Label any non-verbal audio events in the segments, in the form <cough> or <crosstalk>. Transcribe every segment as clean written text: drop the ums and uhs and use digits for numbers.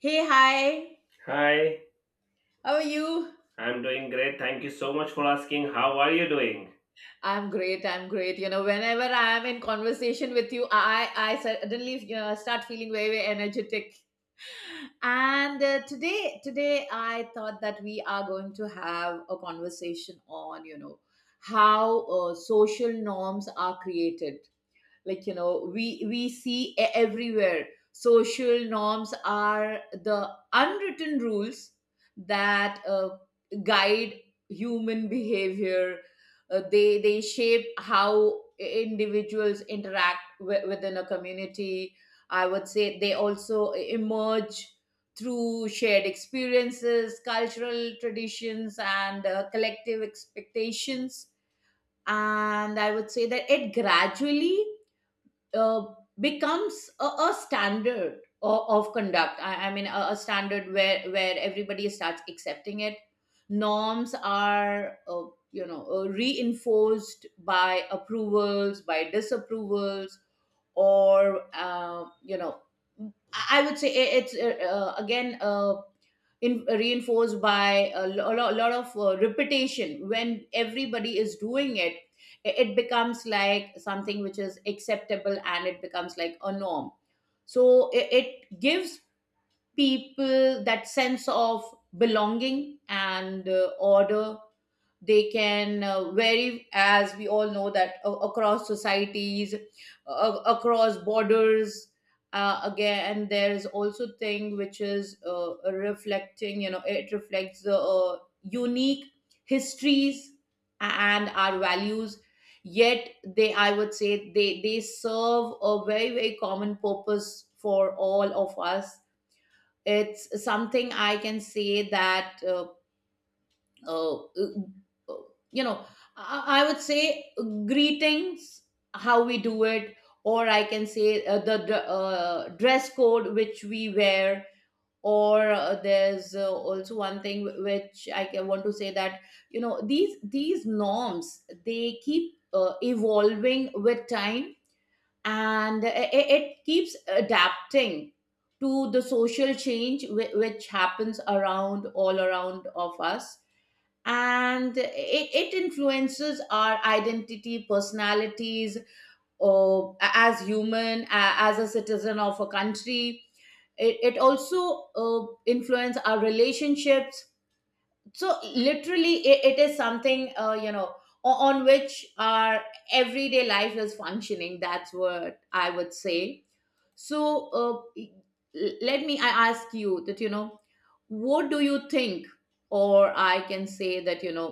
Hey, hi. Hi, How are you? I'm doing great. Thank you so much for asking. How are you doing? I'm great. I'm great. You know, whenever I am in conversation with you, I suddenly start feeling very energetic. And today I thought that we are going to have a conversation on how social norms are created. We see everywhere social norms are the unwritten rules that guide human behavior. They shape how individuals interact within a community. I would say they also emerge through shared experiences, cultural traditions, and collective expectations, and I would say that it gradually uh, becomes a standard of conduct. I mean, a standard where everybody starts accepting it. Norms are reinforced by approvals, by disapprovals, or I would say it's reinforced by a, lo- lo- lot of repetition. When everybody is doing it, it becomes like something which is acceptable, and it becomes like a norm. So it gives people that sense of belonging and order. They can vary, as we all know, that across societies, across borders. Uh, again and there's also thing which is reflecting, it reflects the unique histories and our values. Yet they I would say they serve a very common purpose for all of us. It's something I can say that uh, uh, you know I would say greetings, how we do it, or I can say dress code which we wear. Or there's also one thing which want to say, that these norms, they keep evolving with time, and it keeps adapting to the social change which happens around, all around of us. And it influences our identity, personalities, or as a citizen of a country. It also influence our relationships. So literally it is something, on which our everyday life is functioning. That's what I would say. So let me I ask you that, what do you think, or I can say that,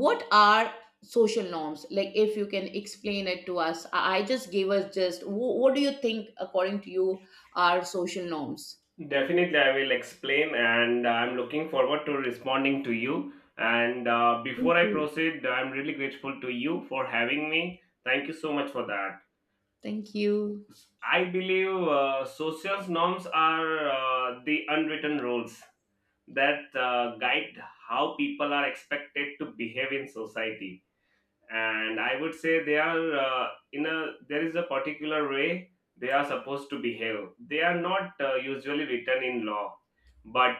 what are social norms? Like, if you can explain it to us. I just gave us just wh- What do you think, according to you, are social norms? Definitely, I will explain, and I'm looking forward to responding to you. And Thank Before I you. proceed, I'm really grateful to you for having me. Thank you so much for that. Thank you. I believe social norms are the unwritten rules that guide how people are expected to behave in society, and I would say they are in a there is a particular way they are supposed to behave. They are not usually written in law, but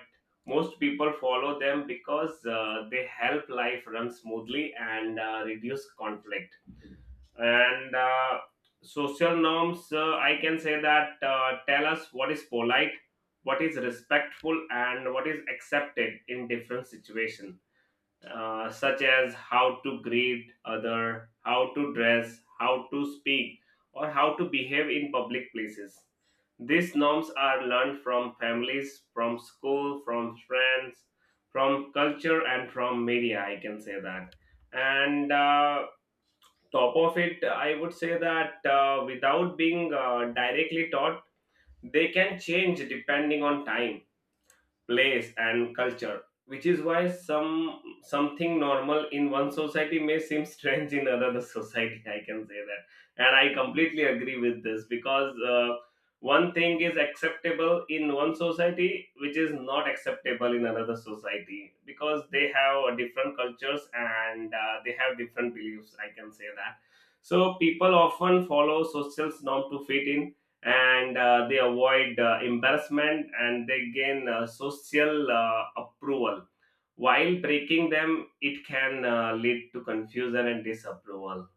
most people follow them because they help life run smoothly and reduce conflict. And Social norms, I can say that tell us what is polite, what is respectful, and what is accepted in different situations, such as how to greet other, how to dress, how to speak, or how to behave in public places. These norms are learned from families, from school, from friends, from culture, and from media, I can say that. And Top of it, I would say that, without being directly taught, they can change depending on time, place and culture, which is why some something normal in one society may seem strange in another <laughs> society, I can say that. And I completely agree with this, because one thing is acceptable in one society which is not acceptable in another society, because they have different cultures and they have different beliefs, I can say that. So people often follow social norm to fit in, and they avoid embarrassment and they gain social approval, while breaking them, it can lead to confusion and disapproval.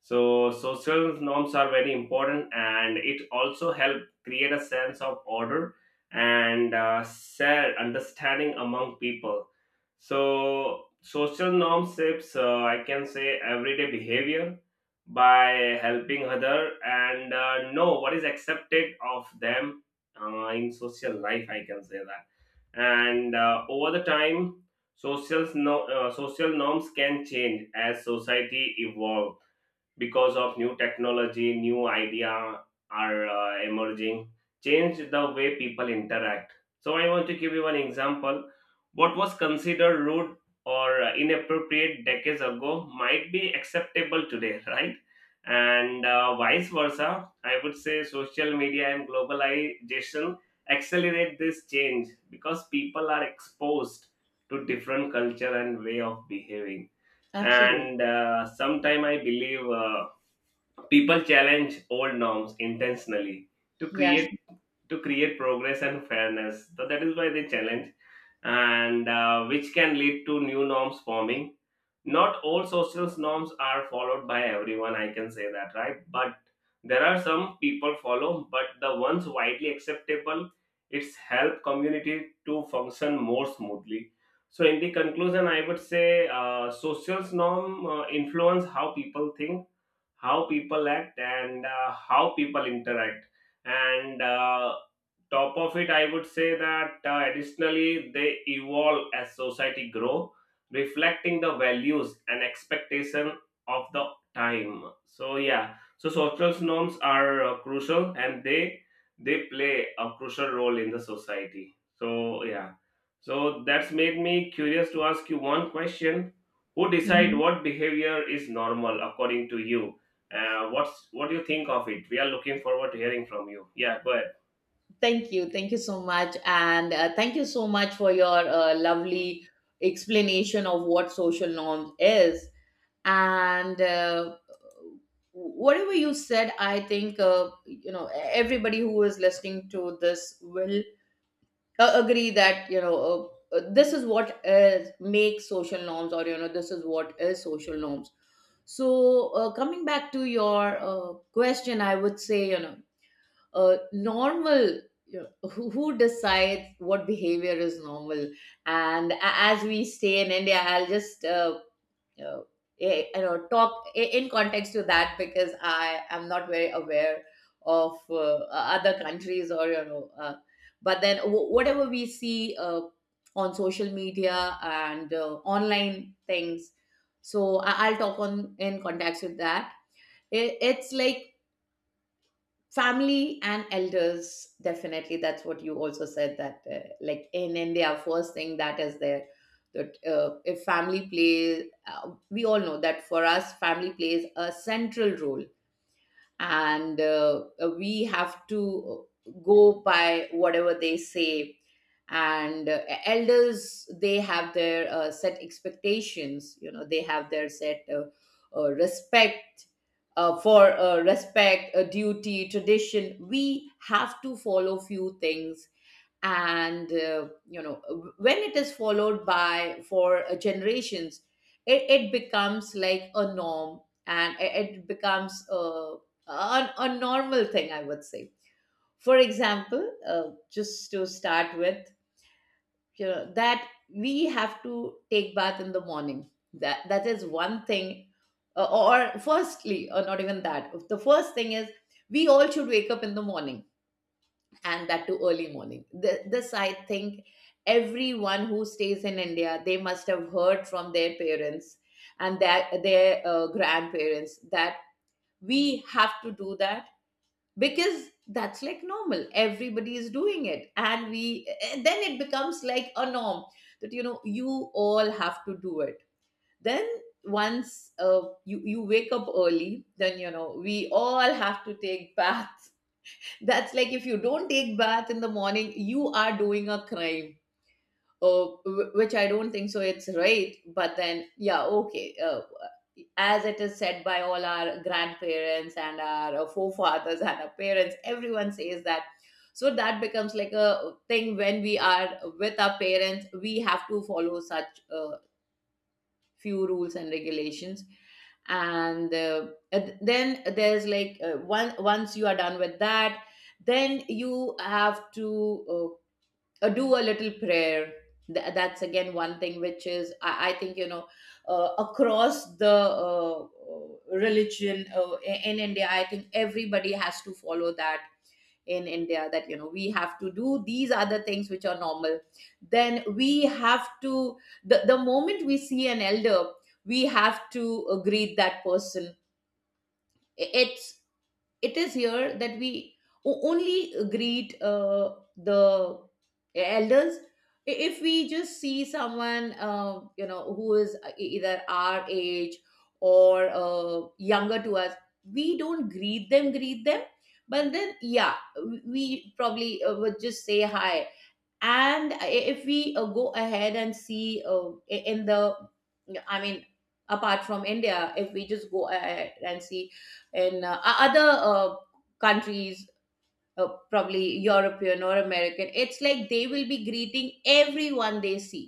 So, social norms are very important and it also help create a sense of order and share understanding among people. So, social norms shapes, I can say, everyday behavior by helping other and know what is accepted of them in social life, I can say that. And Over the time, Social, no, social norms can change as society evolves, because of new technology, new idea are emerging, change the way people interact. So I want to give you an example. What was considered rude or inappropriate decades ago might be acceptable today, right? And Vice versa. I would say social media and globalization accelerate this change because people are exposed to different culture and way of behaving. and Absolutely. uh, sometime I believe, people challenge old norms intentionally to Yeah. create to create progress and fairness. So that is why they challenge, and which can lead to new norms forming. Not all social norms are followed by everyone, I can say that, right? But there are some people follow, but the ones widely acceptable, it's help community to function more smoothly. So in the conclusion, I would say social norm influence how people think, how people act, and how people interact. And Top of it, I would say that, additionally they evolve as society grow, reflecting the values and expectation of the time. So yeah, so social norms are crucial, and they play a crucial role in the society. So yeah, so that's made me curious to ask you one question: who decide Mhm. what behavior is normal, according to you? What do you think of it? We are looking forward to hearing from you. Yeah, go ahead. Thank you, thank you so much, and thank you so much for your lovely explanation of what social norms is. And whatever you said, I think, you know everybody who is listening to this will agree that, this is what is makes social norms, or this is what is social norms. So coming back to your question, I would say, normal, you know, <laughs> who decides what behavior is normal? And as we say in India, I'll just uh, talk in context to that, because I am not very aware of other countries, or but then whatever we see on social media and online things. So I'll talk on in context with that. It's like family and elders, definitely. That's what you also said, that like in India, first thing that is there, that if family plays, we all know that for us family plays a central role, and we have to go by whatever they say. And elders, they have their set expectations, you know, they have their set uh, respect respect, duty, tradition. We have to follow few things. And when it is followed by for generations, it becomes like a norm, and it becomes a normal thing, I would say. For example, just to start with, you know, that we have to take bath in the morning. That is one thing. Or firstly, or not even that, the first thing is we all should wake up in the morning, and that too early morning. This, I think, everyone who stays in India, they must have heard from their parents, and that their grandparents, that we have to do that, because that's like normal. Everybody is doing it, and then it becomes like a norm, that you know, you all have to do it. Then once you wake up early, then you know, we all have to take <laughs> baths. That's like, if you don't take bath in the morning, you are doing a crime. Which I don't think so. It's right, but then yeah, okay. As it is said by all our grandparents and our forefathers and our parents, everyone says that. So that becomes like a thing. When we are with our parents, we have to follow such few rules and regulations. And then there's like, one once you are done with that, then you have to do a little prayer. That's again one thing which is, I think, you know, across the religion, in India, I think everybody has to follow that in India. That, you know, we have to do these other things which are normal. Then we have to, the moment we see an elder, we have to greet that person. It's it is here that we only greet the elders. If we just see someone, who is either our age or younger to us, we don't greet them. But then yeah, we probably would just say hi. And if we go ahead and see in the I mean apart from India, if we just go ahead and see in other countries, probably European or American, it's like they will be greeting everyone they see.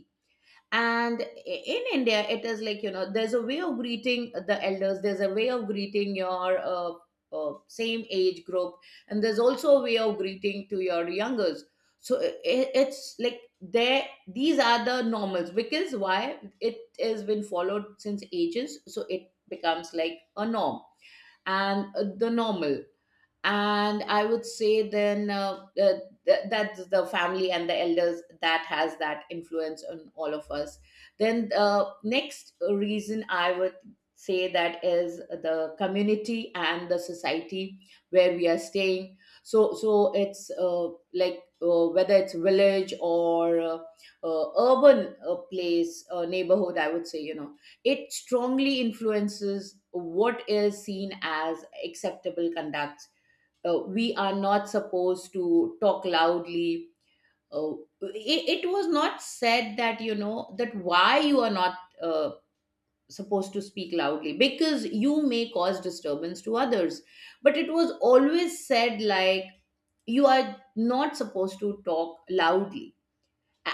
And in India, it is like, you know, there's a way of greeting the elders, there's a way of greeting your same age group, and there's also a way of greeting to your youngers. so i it's like there, these are the normals, because why? It has been followed since ages, so it becomes like a norm and the normal. And I would say, then, that's the family and the elders that has that influence on all of us. Then, next reason, I would say, that is the community and the society where we are staying. So it's whether it's village or urban place, neighborhood, I would say, you know, it strongly influences what is seen as acceptable conduct. We are not supposed to talk loudly. Uh, it was not said that, you know, that why you are not uh, supposed to speak loudly because you may cause disturbance to others. But it was always said like, you are not supposed to talk loudly,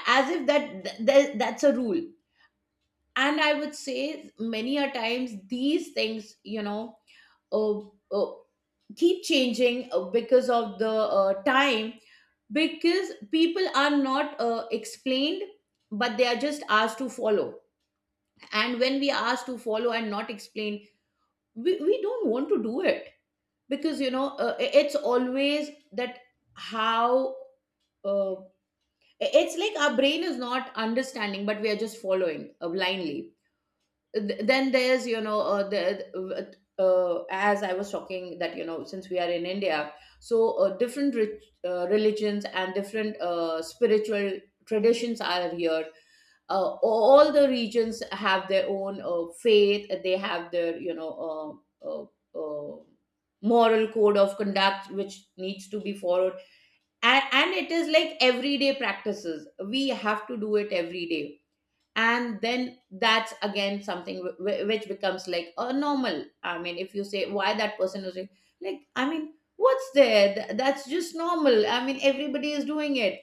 as if that's a rule. And I would say many a times these things, you know, uh, uh, keep changing because of the time, because people are not explained, but they are just asked to follow. And when we are asked to follow and not explain, we don't want to do it, because, you know, it's always that how, uh, it's like our brain is not understanding, but we are just following blindly. Then there's, you know, the as I was talking, that, you know, since we are in India, so different religions and different spiritual traditions are here. All the regions have their own faith, they have their, uh, moral code of conduct which needs to be followed. And, and it is like everyday practices, we have to do it every day. And then that's again something which becomes like a normal. I mean, if you say why that person is doing, like, I mean, what's there? That's just normal. I mean, everybody is doing it.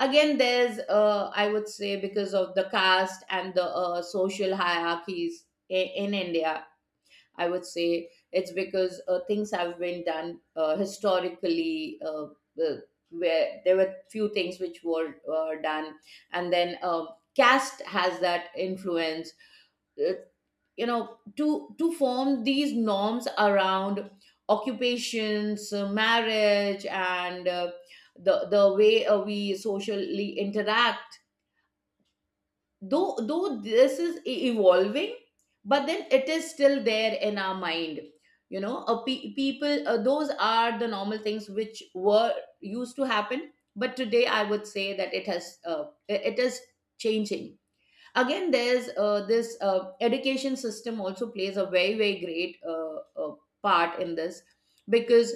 Again, there's, I would say, because of the caste and the social hierarchies in India. I would say it's because things have been done historically. Uh, where there were few things which were done, and then caste has that influence. Uh, to form these norms around occupations, marriage, and the way we socially interact. Though this is evolving, but then it is still there in our mind. People, those are the normal things which were used to happen. But today I would say that it has it it is changing. Again, there's this education system also plays a very great part in this. Because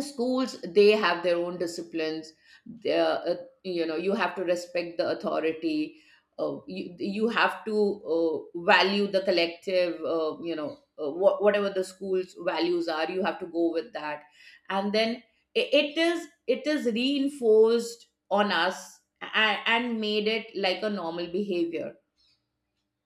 schools, they have their own disciplines. They are, you have to respect the authority. You have to value the collective. Whatever the school's values are, you have to go with that. And then it is reinforced on us, and made it like a normal behavior.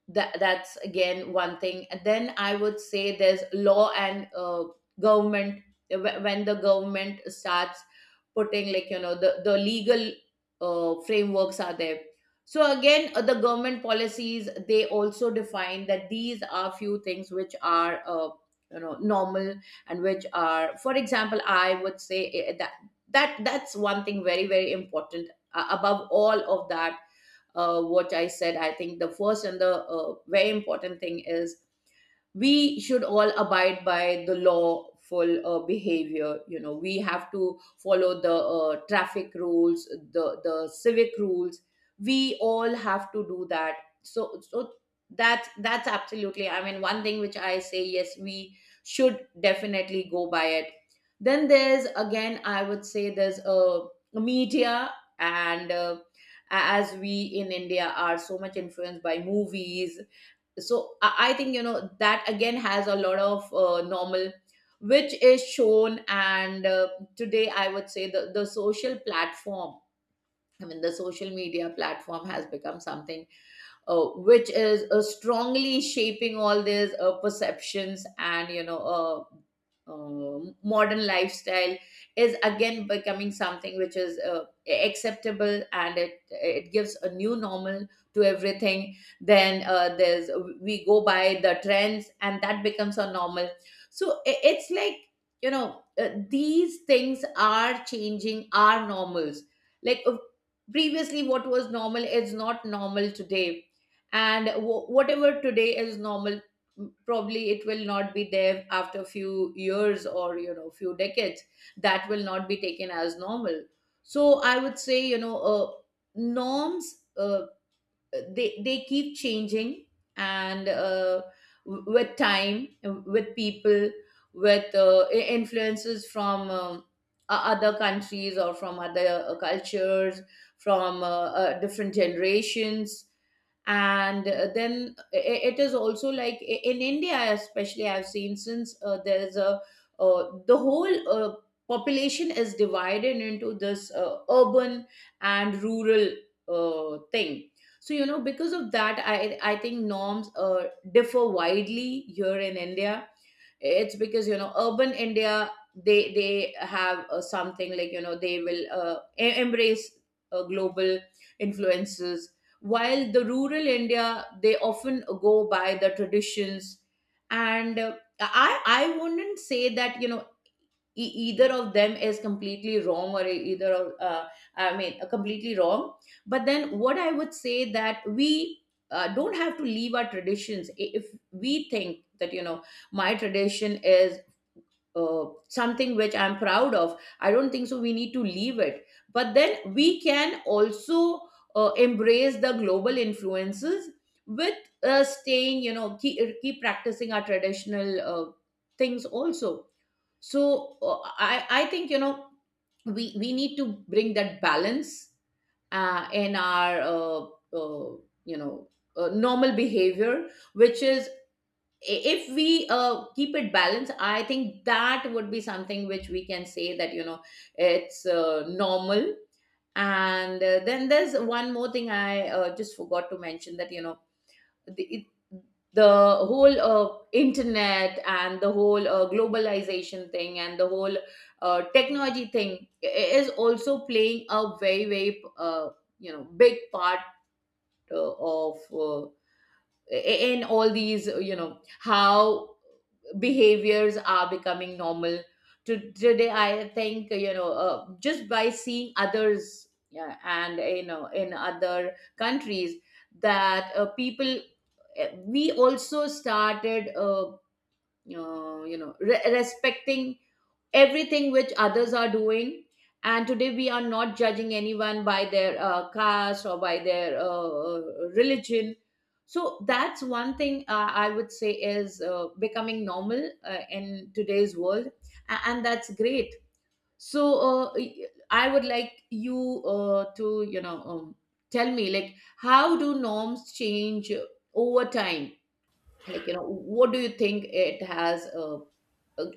That's again one thing. And then I would say there's law and government. When the government starts putting, like, you know, the legal frameworks are there. So again, the government policies, they also define that these are few things which are, normal. And which are, for example, I would say, that's one thing very very important. Above all of that, what I said, I think the first and the very important thing is we should all abide by the lawful behavior. You know, we have to follow the traffic rules, the civic rules. We all have to do that. So that's absolutely, I mean, one thing which I say, yes, we should definitely go by it. Then there's again, I would say there's a media. And as we in India are so much influenced by movies, so I think, you know, that again has a lot of normal which is shown. And today I would say the social media platform has become something which is strongly shaping all these perceptions. And you know, modern lifestyle is again becoming something which is acceptable, and it gives a new normal to everything. Then there's, we go by the trends and that becomes a normal. So it's like, you know, these things are changing our normals. Like, previously what was normal is not normal today. And whatever today is normal, probably it will not be there after a few years, or, you know, few decades, that will not be taken as normal. So I would say, you know, norms, they keep changing. And with time, with people, with influences from other countries, or from other cultures, from different generations. And then it is also like, in India especially, I've seen, since there's a the whole population is divided into this urban and rural thing. So you know, because of that, I think norms differ widely here in India. It's because, you know, urban India, they have something like, you know, they will embrace global influences, while the rural India, they often go by the traditions. And I wouldn't say that, you know, either of them is completely wrong, or either of, I mean, completely wrong. But then what I would say, that we don't have to leave our traditions. If we think that, you know, my tradition is something which I'm proud of, I don't think so we need to leave it. But then we can also embrace the global influences, with staying, you know, keep practicing our traditional things also. So I think, you know, we need to bring that balance in our uh, you know normal behavior, which is, if we keep it balanced, I think that would be something which we can say that, you know, it's normal. And then there's one more thing I just forgot to mention, that you know, the it, the whole internet, and the whole globalization thing, and the whole technology thing is also playing a very big part of in all these you know, how behaviors are becoming normal to today. I think, you know, just by seeing others, yeah, and you know, in other countries, that people, we also started respecting everything which others are doing. And today we are not judging anyone by their caste or by their uh, religion. So that's one thing I would say is becoming normal in today's world, and that's great. So I would like you to, you know, tell me, like, how do norms change over time? Like, you know, what do you think it has uh,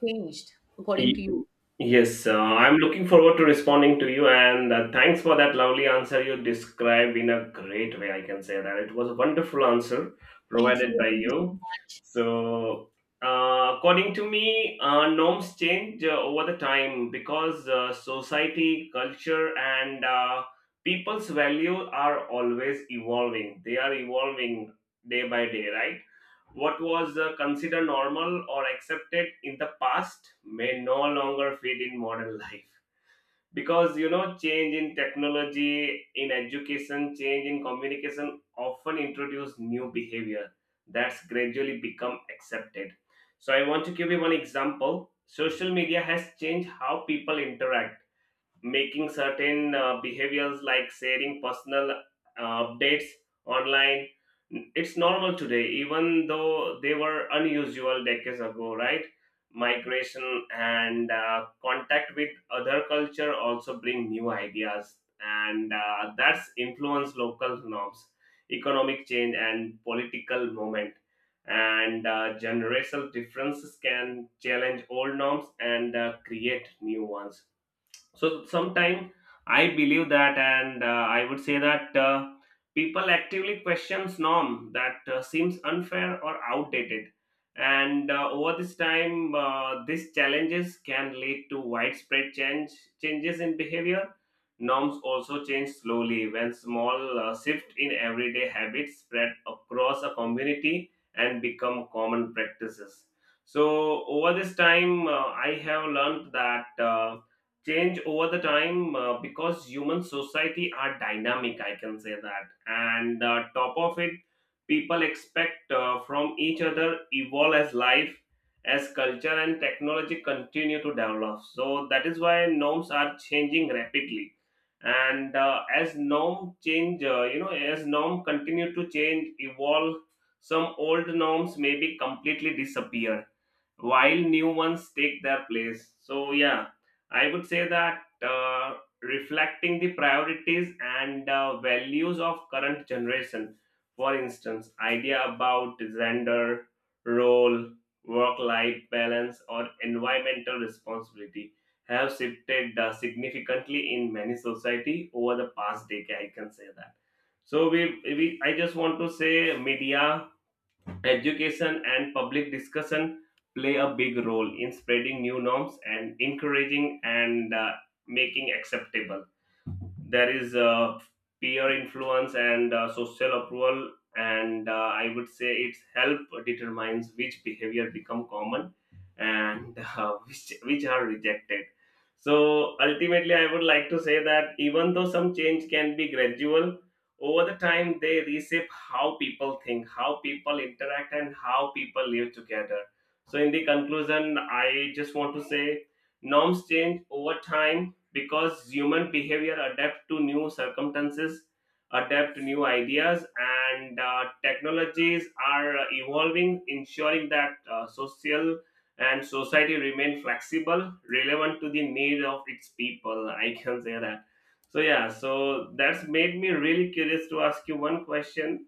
changed, according to Y- you? Yes, I'm looking forward to responding to you, and thanks for that lovely answer you described in a great way. I can say that it was a wonderful answer Thank you. provided by Thank you so you. much. So, according to me, norms change over the time, because society, culture, and people's value are always evolving. They are evolving day by day, right? What was considered normal or accepted in the past may no longer fit in modern <laughs> life, because you know, change in technology, in education, change in communication often introduce new behavior that's gradually become accepted. So I want to give you one example. Social media has changed how people interact, making certain behaviors like sharing personal updates online, it's normal today even though they were unusual decades ago, right? Migration and contact with other culture also bring new ideas, and that's influence local norms. Economic change and political movement and generational differences can challenge old norms and create new ones. So sometime I believe that, and I would say that, people actively questions norm that seems unfair or outdated. And Over this time, these challenges can lead to widespread changes in behavior. Norms also change slowly when small shift in everyday habits spread across a community and become common practices. So over this time, I have learned that. Change over the time because human society are dynamic, I can say that. And top of it, people expect from each other evolve as life, as culture and technology continue to develop. So that is why norms are changing rapidly. And as norm change, you know, as norm continue to change evolve, some old norms may be completely disappear while new ones take their place. So, yeah, I would say that, reflecting the priorities and values of current generation, for instance, idea about gender, role, work-life balance, or environmental responsibility have shifted significantly in many society over the past decade, I can say that. So we I just want to say media, education and public discussion play a big role in spreading new norms and encouraging and making acceptable. There is peer influence and social approval, and I would say its help determines which behavior become common and <laughs> which are rejected. So ultimately, I would like to say that even though some change can be gradual, over the time they reshape how people think, how people interact, and how people live together. So in the conclusion, I just want to say norms change over time because human behavior adapt to new circumstances, adapt to new ideas, and technologies are evolving, ensuring that social and society remain flexible, relevant to the need of its people, I can say that. So yeah, so that's made me really curious to ask you one question.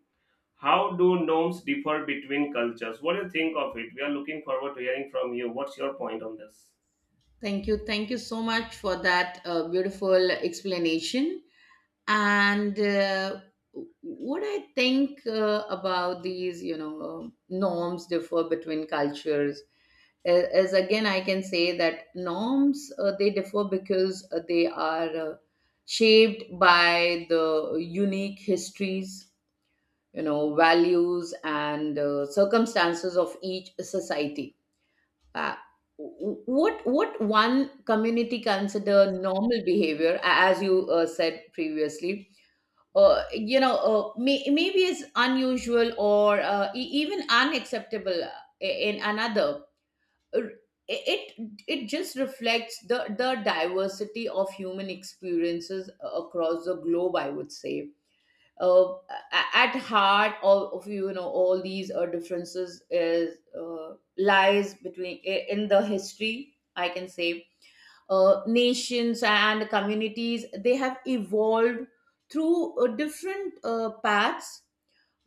How do norms differ between cultures? What do you think of it? We are looking forward to hearing from you. What's your point on this? Thank you, thank you so much for that beautiful explanation. And what I think about these, you know, norms differ between cultures, is again, I can say that norms, they differ because they are shaped by the unique histories, you know, values and circumstances of each society. Uh, w- what what one community consider normal behavior, as you said previously, maybe is unusual, or even unacceptable in another. R- it it just reflects the diversity of human experiences across the globe, I would say. uh, at heart, all of, you know, all these differences is lies between, in the history, I can say. Nations and communities, they have evolved through different paths,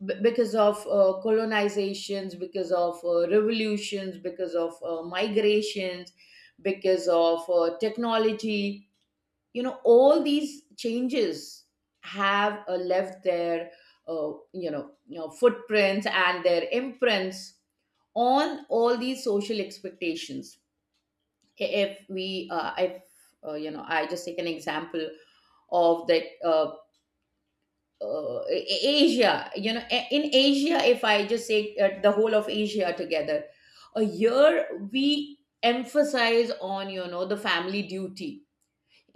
because of colonizations, because of revolutions, because of migrations, because of technology. You know, all these changes have left their footprints and their imprints on all these social expectations. If we, if you know, I just take an example of that, Asia, you know, in Asia, if I just say the whole of Asia together, a year, we emphasize on, you know, the family duty.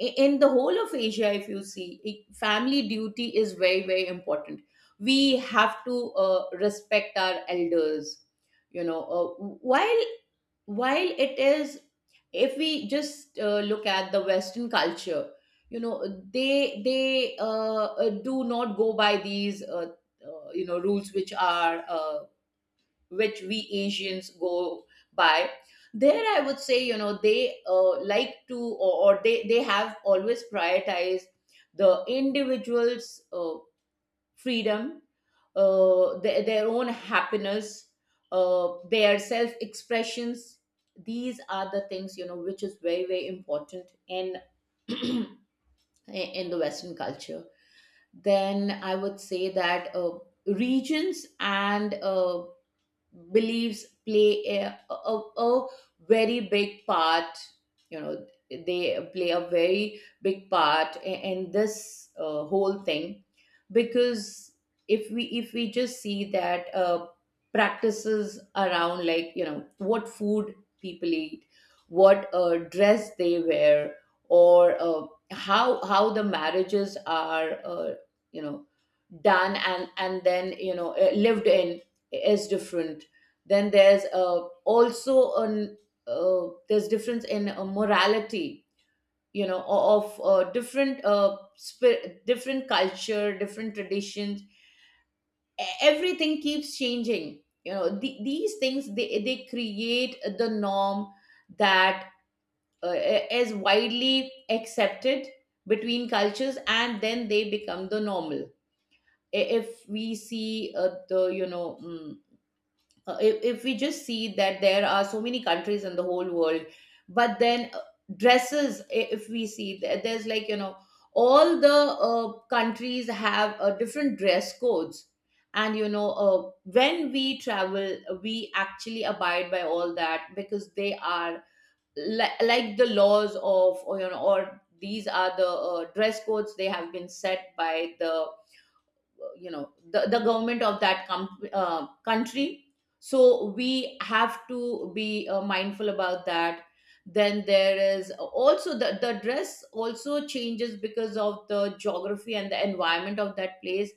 In the whole of Asia, if you see, family duty is very very important. We have to respect our elders, you know. While while it is if we just look at the Western culture, you know, they do not go by these rules which are which we Asians go by. There, I would say, you know, they like to, or they have always prioritized the individual's freedom, their own happiness, their self expressions. These are the things, you know, which is very, very important in, <clears throat> in the Western culture. Then I would say that regions and beliefs play a, a very big part, you know, they play a very big part in this whole thing. Because if we just see that practices around, like, you know, what food people eat, what dress they wear, or how the marriages are, you know done, and then, you know, lived in, is different. Then there's also an there's difference in morality, you know, of different, different culture, different traditions. Everything keeps changing, you know, these things, they create the norm that is widely accepted between cultures, and then they become the normal. If we see the, you know, if we just see that there are so many countries in the whole world, but then, dresses, if we see that there's, like, you know, all the countries have different dress codes. And you know, when we travel, we actually abide by all that, because they are, like the laws of, or, you know, or these are the dress codes, they have been set by the, you know, the government of that country. So we have to be mindful about that. Then there is also the dress also changes because of the geography and the environment of that place.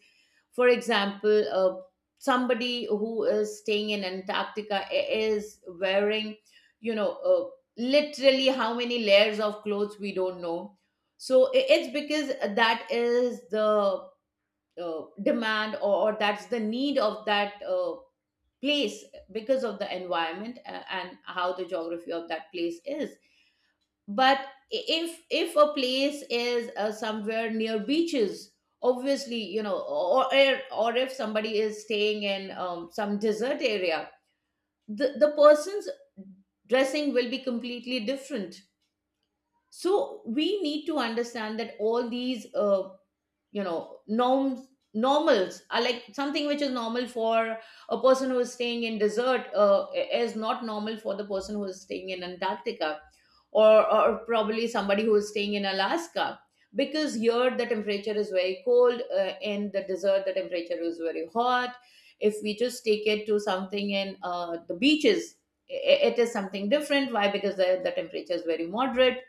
For example, somebody who is staying in Antarctica is wearing, you know, literally how many layers of clothes we don't know. So it's because that is the demand, or that's the need of that place, because of the environment and how the geography of that place is. But if a place is somewhere near beaches, obviously, you know, or if somebody is staying in some desert area, the person's dressing will be completely different. So we need to understand that all these you know norms, normals are like something which is normal for a person who is staying in desert is not normal for the person who is staying in Antarctica, or probably somebody who is staying in Alaska. Because here the temperature is very cold, in the desert the temperature is very hot. If we just take it to something in the beaches, it is something different. Why? Because the temperature is very moderate.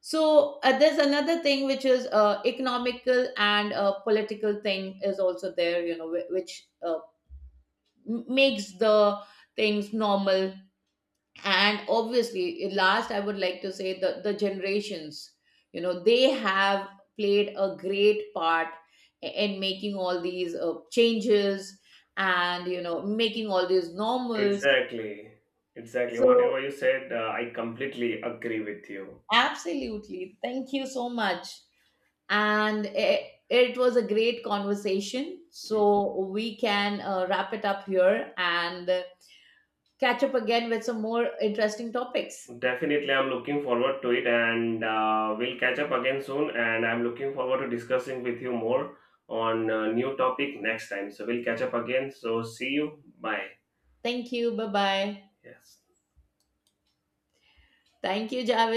So there's another thing which is economical and political thing is also there, you know, which makes the things normal. And obviously, last, I would like to say the generations, you know, they have played a great part in making all these changes, and you know, making all these normals. Exactly. Exactly. So Whatever you said, I completely agree with you. absolutely, thank you so much. And it was a great conversation. So we can wrap it up here and catch up again with some more interesting topics. Definitely, I'm looking forward to it, and we'll catch up again soon. And I'm looking forward to discussing with you more on a new topic next time. So we'll catch up again. So see you. Bye. Thank you. Bye bye. Yes. Thank you, Javed.